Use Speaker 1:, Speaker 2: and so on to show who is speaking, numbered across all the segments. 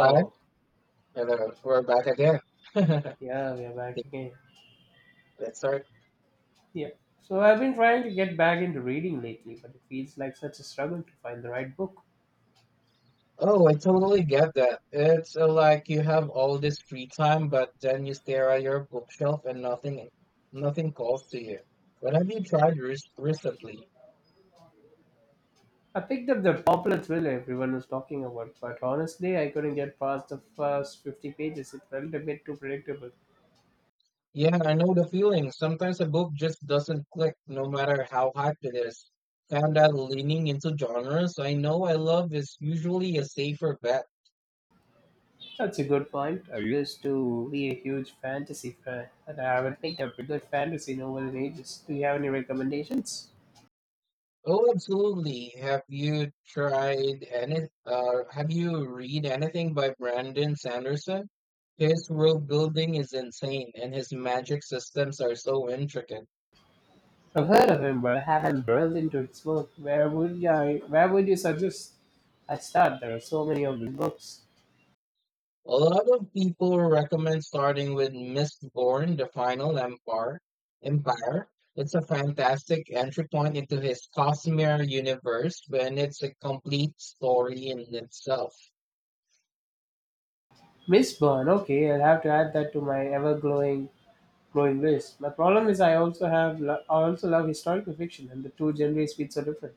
Speaker 1: Hi, hello. We're back again.
Speaker 2: Yeah, we are back
Speaker 1: Let's
Speaker 2: again.
Speaker 1: start.
Speaker 2: Yeah. So I've been trying to get back into reading lately, but it feels like such a struggle to find the right book.
Speaker 1: Oh, I totally get that. It's like you have all this free time, but then you stare at your bookshelf and nothing calls to you. What have you tried re recently?
Speaker 2: I picked up the popular thriller everyone was talking about, but honestly, I couldn't get past the first 50 pages. It felt a bit too predictable.
Speaker 1: Yeah, I know the feeling. Sometimes a book just doesn't click, no matter how hyped it is. Found out leaning into genres I know I love is usually a safer bet.
Speaker 2: That's a good point. I used to be a huge fantasy fan, and I haven't picked up a good fantasy novel in ages. Do you have any recommendations?
Speaker 1: Oh, absolutely. Have you read anything by Brandon Sanderson? His world building is insane and his magic systems are so intricate.
Speaker 2: I've heard of him, but I haven't delved into his work. Where would you suggest I start? There are so many of his books.
Speaker 1: A lot of people recommend starting with Mistborn, The Final Empire. It's a fantastic entry point into his Cosmere universe, and it's a complete story in itself.
Speaker 2: Mistborn. Okay, I'll have to add that to my ever-growing growing list. My problem is I also love historical fiction, and the two genres feel so different.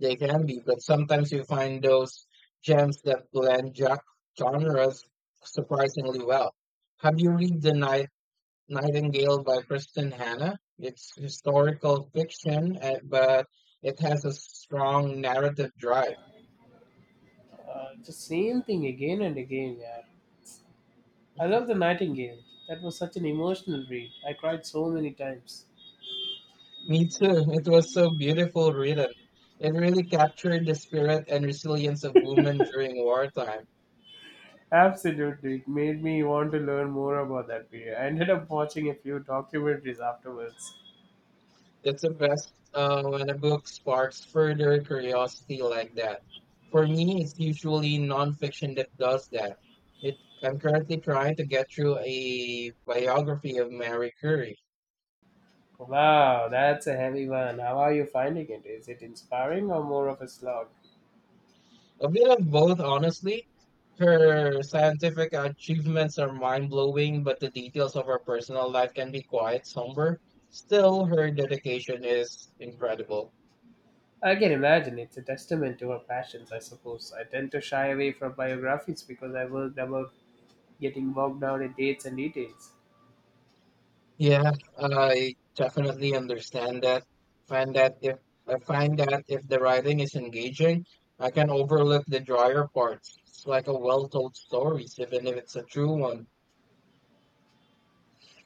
Speaker 1: They can be, but sometimes you find those gems that blend genres surprisingly well. Have you read Nightingale by Kristen Hanna? It's historical fiction, but it has a strong narrative drive.
Speaker 2: It's the same thing again and again. Yeah, I love the Nightingale. That was such an emotional read. I cried so many times.
Speaker 1: Me too. It was so beautiful written. It really captured the spirit and resilience of women during wartime.
Speaker 2: Absolutely, it made me want to learn more about that period. I ended up watching a few documentaries afterwards.
Speaker 1: That's the best when a book sparks further curiosity like that. For me, it's usually nonfiction that does that. I'm currently trying to get through a biography of Mary Curie.
Speaker 2: Wow, that's a heavy one. How are you finding it? Is it inspiring or more of a slog?
Speaker 1: A bit of both, honestly. Her scientific achievements are mind blowing, but the details of her personal life can be quite somber. Still, her dedication is incredible.
Speaker 2: I can imagine it's a testament to her passions, I suppose. I tend to shy away from biographies because I worried about getting bogged down in dates and details.
Speaker 1: Yeah, I definitely understand that. Find that if I find that if the writing is engaging, I can overlook the drier parts. It's like a well-told story, even if it's a true one.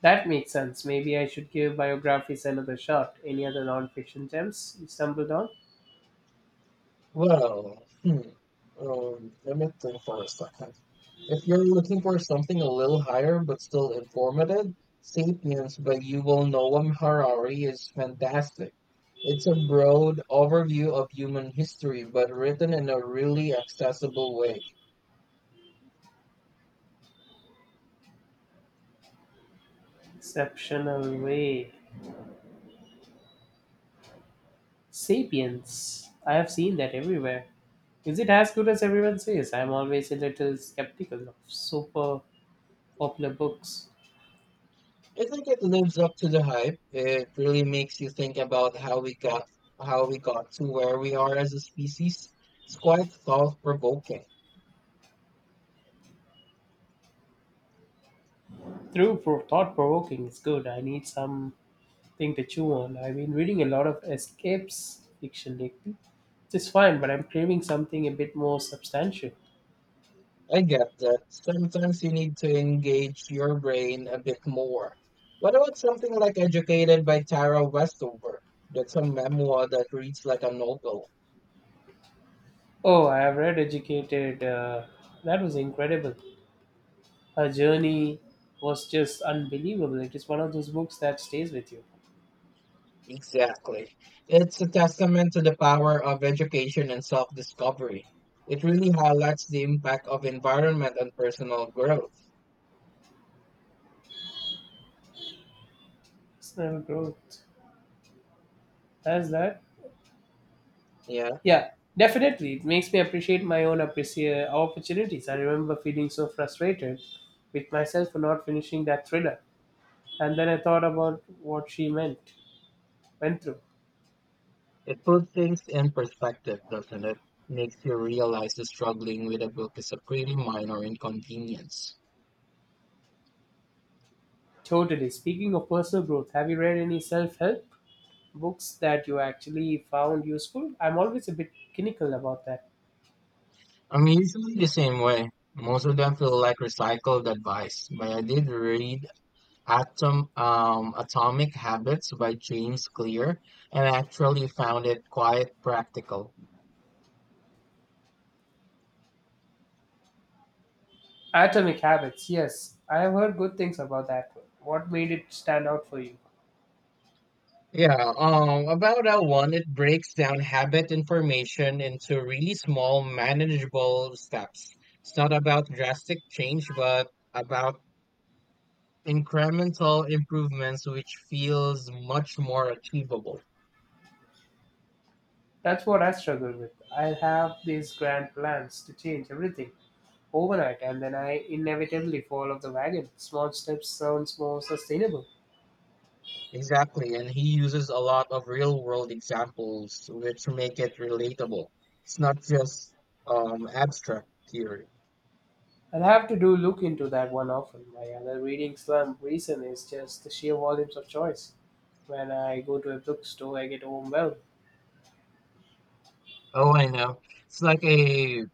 Speaker 2: That makes sense. Maybe I should give biographies another shot. Any other non-fiction gems you stumbled on?
Speaker 1: Well, hmm. Let me think for a second. If you're looking for something a little higher but still informative, *Sapiens* by Yuval Noam Harari is fantastic. It's a broad overview of human history, but written in a really accessible way.
Speaker 2: Exceptional way. Sapiens. I have seen that everywhere. Is it as good as everyone says? I'm always a little skeptical of super popular books.
Speaker 1: I think it lives up to the hype. It really makes you think about how we got to where we are as a species. It's quite thought provoking.
Speaker 2: Thought provoking is good. I need something to chew on. I've been reading a lot of escapes fiction lately, which is fine, but I'm craving something a bit more substantial.
Speaker 1: I get that sometimes you need to engage your brain a bit more. What about something like Educated by Tara Westover? That's a memoir that reads like a novel.
Speaker 2: Oh, I have read Educated. That was incredible. Her journey was just unbelievable. It is one of those books that stays with you.
Speaker 1: Exactly. It's a testament to the power of education and self discovery. It really highlights the impact of environment on personal growth.
Speaker 2: Personal growth. That's that.
Speaker 1: Yeah.
Speaker 2: Yeah, definitely. It makes me appreciate my own appreciate opportunities. I remember feeling so frustrated with myself for not finishing that thriller. And then I thought about what went through.
Speaker 1: It puts things in perspective, doesn't it? Makes you realize that struggling with a book is a pretty minor inconvenience.
Speaker 2: Totally. Speaking of personal growth, have you read any self help books that you actually found useful? I'm always a bit cynical about that.
Speaker 1: I'm usually the same way. Most of them feel like recycled advice, but I did read Atomic Habits by James Clear and actually found it quite practical.
Speaker 2: Atomic Habits, yes. I have heard good things about that one. What made it stand out for you?
Speaker 1: Yeah, about that one, it breaks down habit information into really small, manageable steps. It's not about drastic change, but about incremental improvements which feels much more achievable.
Speaker 2: That's what I struggle with. I have these grand plans to change everything overnight and then I inevitably fall off the wagon. Small steps sounds more sustainable.
Speaker 1: Exactly, and he uses a lot of real world examples which make it relatable. It's not just abstract theory.
Speaker 2: I'll have to do look into that one often. My other reading slump reason is just the sheer volumes of choice. When I go to a bookstore, I get overwhelmed.
Speaker 1: Oh, I know. It's like a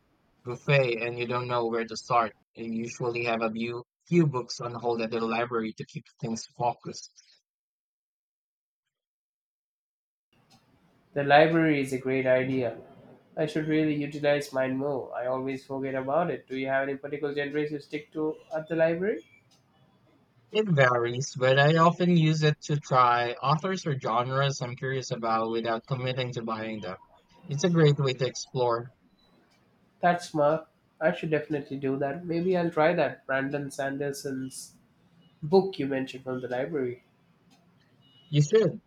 Speaker 1: buffet and you don't know where to start. You usually have a few books on hold at the library to keep things focused.
Speaker 2: The library is a great idea. I should really utilize mine more. I always forget about it. Do you have any particular genres you stick to at the library?
Speaker 1: It varies, but I often use it to try authors or genres I'm curious about without committing to buying them. It's a great way to explore.
Speaker 2: That's smart. I should definitely do that. Maybe I'll try that Brandon Sanderson's book you mentioned from the library.
Speaker 1: You should.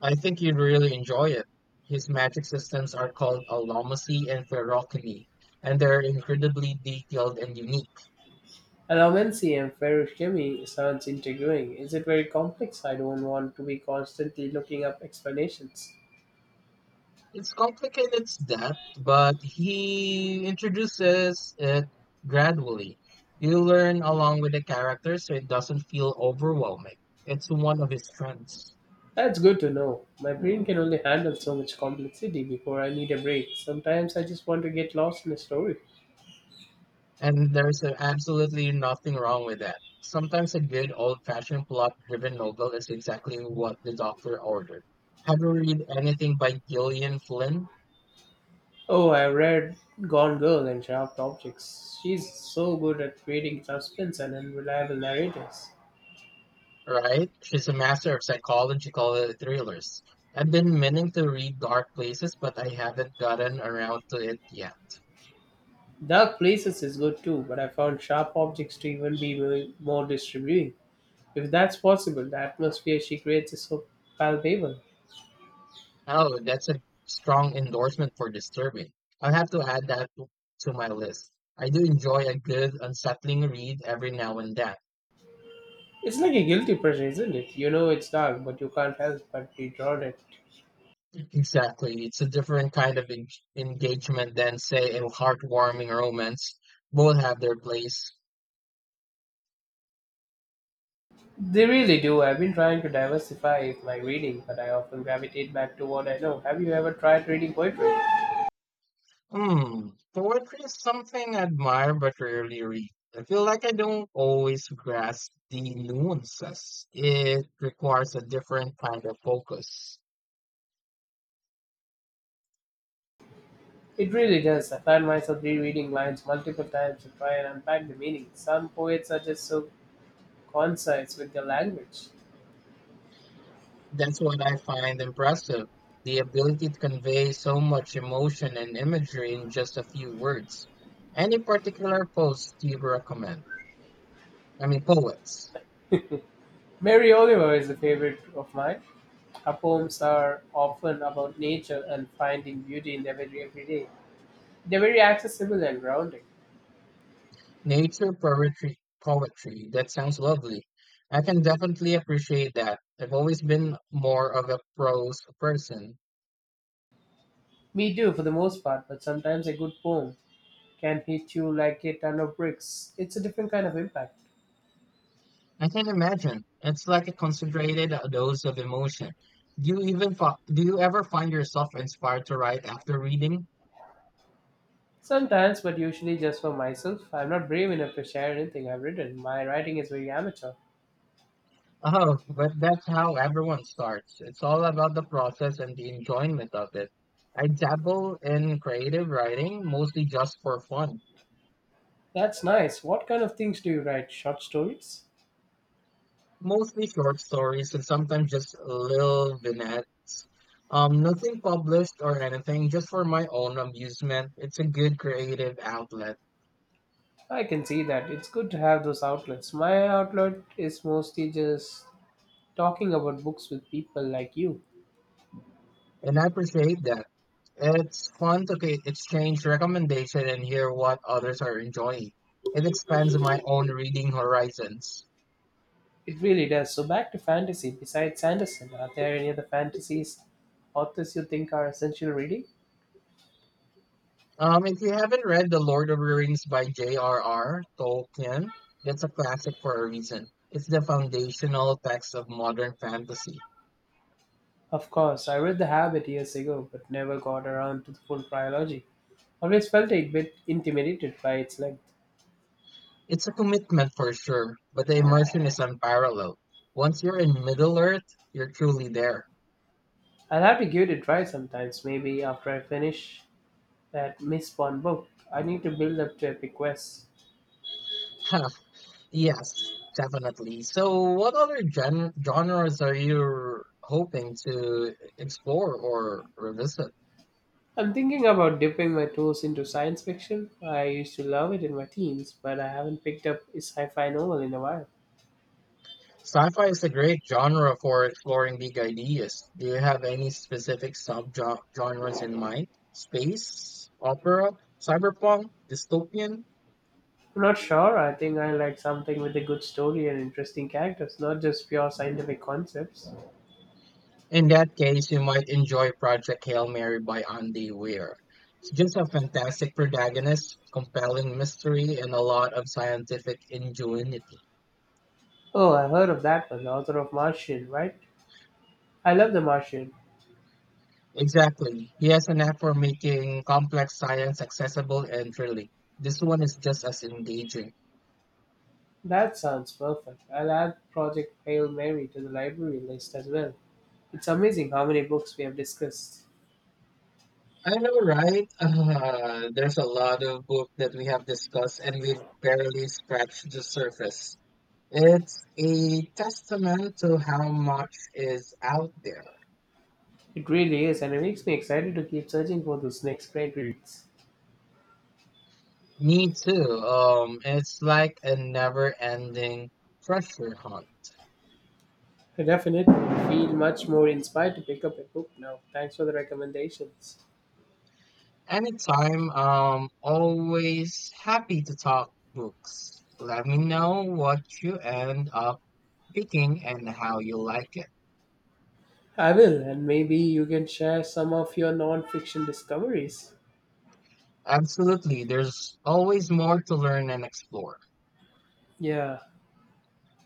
Speaker 1: I think you'd really enjoy it. His magic systems are called Alomasi and Ferrocony, and they're incredibly detailed and unique.
Speaker 2: Allomancy and ferrochemie sounds intriguing. Is it very complex? I don't want to be constantly looking up explanations.
Speaker 1: It's complicated its depth, but he introduces it gradually. You learn along with the characters so it doesn't feel overwhelming. It's one of his strengths.
Speaker 2: That's good to know. My brain can only handle so much complexity before I need a break. Sometimes I just want to get lost in a story.
Speaker 1: And absolutely nothing wrong with that. Sometimes a good old-fashioned plot-driven novel is exactly what the doctor ordered. Have you read anything by Gillian Flynn?
Speaker 2: Oh, I read Gone Girl and Sharp Objects. She's so good at creating suspense and unreliable narrators.
Speaker 1: Right? She's a master of psychological thrillers. I've been meaning to read Dark Places, but I haven't gotten around to it yet.
Speaker 2: Dark Places is good too, but I found Sharp Objects to even be more distributing, if that's possible. The atmosphere she creates is so palpable.
Speaker 1: Oh, that's a strong endorsement for Disturbing. I'll have to add that to my list. I do enjoy a good, unsettling read every now and then.
Speaker 2: It's like a guilty pleasure, isn't it? You know it's dark, but you can't help but be drawn at it.
Speaker 1: Exactly. It's a different kind of engagement than, say, a heartwarming romance. Both have their place.
Speaker 2: They really do. I've been trying to diversify my reading, but I often gravitate back to what I know. Have you ever tried reading poetry?
Speaker 1: Hmm. Poetry is something I admire but rarely read. I feel like I don't always grasp the nuances. It requires a different kind of focus.
Speaker 2: It really does. I find myself rereading lines multiple times to try and unpack the meaning. Some poets are just so concise with their language.
Speaker 1: That's what I find impressive. The ability to convey so much emotion and imagery in just a few words. Any particular poets do you recommend? I mean, poets.
Speaker 2: Mary Oliver is a favorite of mine. Her poems are often about nature and finding beauty in their very everyday. They're very accessible and grounding.
Speaker 1: Poetry. That sounds lovely. I can definitely appreciate that. I've always been more of a prose person.
Speaker 2: Me too, for the most part, but sometimes a good poem can hit you like a ton of bricks. It's a different kind of impact.
Speaker 1: I can imagine. It's like a concentrated dose of emotion. Do you ever find yourself inspired to write after reading?
Speaker 2: Sometimes, but usually just for myself. I'm not brave enough to share anything I've written. My writing is very amateur.
Speaker 1: Oh, but that's how everyone starts. It's all about the process and the enjoyment of it. I dabble in creative writing mostly just for fun.
Speaker 2: That's nice. What kind of things do you write? Short stories?
Speaker 1: Mostly short stories and sometimes just little vignettes. Nothing published or anything, just for my own amusement. It's a good creative outlet,
Speaker 2: I can see that. It's good to have those outlets. My outlet is mostly just talking about books with people like you.
Speaker 1: and I appreciate that. It's fun to ca- Exchange recommendation and hear what others are enjoying. It expands my own reading horizons.
Speaker 2: It really does. So back to fantasy. Besides Sanderson, are there any other fantasies authors you think are essential reading?
Speaker 1: If you haven't read The Lord of the Rings by J.R.R. Tolkien, that's a classic for a reason. It's the foundational text of modern fantasy.
Speaker 2: Of course, I read The Habit years ago, but never got around to the full trilogy. Always felt a bit intimidated by its length.
Speaker 1: It's a commitment for sure, but the immersion is unparalleled. Once you're in Middle Earth, you're truly there.
Speaker 2: I'll have to give it a try sometimes, maybe after I finish that Miss Bond book. I need to build up to epic quests.
Speaker 1: Huh, yes, definitely. So, what other genres are you hoping to explore or revisit?
Speaker 2: I'm thinking about dipping my toes into science fiction. I used to love it in my teens, but I haven't picked up a sci-fi novel in a while.
Speaker 1: Sci-fi is a great genre for exploring big ideas. Do you have any specific sub-genres in mind? Space, opera, cyberpunk, dystopian?
Speaker 2: I'm not sure. I think I like something with a good story and interesting characters, not just pure scientific concepts.
Speaker 1: In that case, you might enjoy Project Hail Mary by Andy Weir. It's just a fantastic protagonist, compelling mystery, and a lot of scientific ingenuity.
Speaker 2: Oh, I heard of that one, the author of Martian, right? I love The Martian.
Speaker 1: Exactly. He has a knack for making complex science accessible and thrilling. This one is just as engaging.
Speaker 2: That sounds perfect. I'll add Project Hail Mary to the library list as well. It's amazing how many books we have discussed.
Speaker 1: I know, right? There's a lot of book that we have discussed, and we've barely scratched the surface. It's a testament to how much is out there.
Speaker 2: It really is, and it makes me excited to keep searching for those next great reads.
Speaker 1: Me too. It's like a never-ending treasure hunt.
Speaker 2: I definitely feel much more inspired to pick up a book now. Thanks for the recommendations.
Speaker 1: Anytime, always happy to talk books. Let me know what you end up picking and how you like it.
Speaker 2: I will, and maybe you can share some of your non fiction discoveries.
Speaker 1: Absolutely. There's always more to learn and explore.
Speaker 2: Yeah,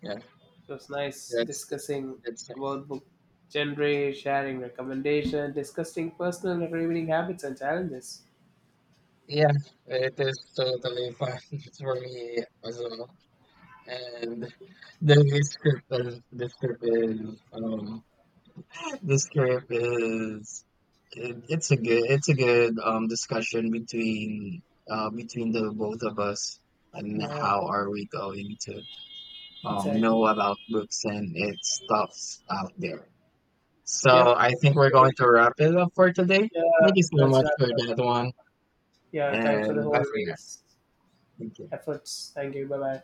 Speaker 1: Yeah,
Speaker 2: it was nice
Speaker 1: that's
Speaker 2: discussing
Speaker 1: that's
Speaker 2: about book genre, sharing recommendation, discussing personal reading habits and challenges.
Speaker 1: yeah, it is totally fun for me as well. And the script is This trip is it's a good discussion between between the both of us and
Speaker 2: Yeah,
Speaker 1: how are we going to know
Speaker 2: exactly.
Speaker 1: about books and its stuffs out there. So
Speaker 2: Yep.
Speaker 1: I think we're going
Speaker 2: So,
Speaker 1: to wrap it up for today.
Speaker 2: yeah,
Speaker 1: Thank you so
Speaker 2: let's
Speaker 1: much
Speaker 2: wrap
Speaker 1: for
Speaker 2: it up.
Speaker 1: that one
Speaker 2: Yeah, thanks for the
Speaker 1: and bye
Speaker 2: whole
Speaker 1: for now.
Speaker 2: day's
Speaker 1: Thank you.
Speaker 2: efforts. Thank you. Bye bye.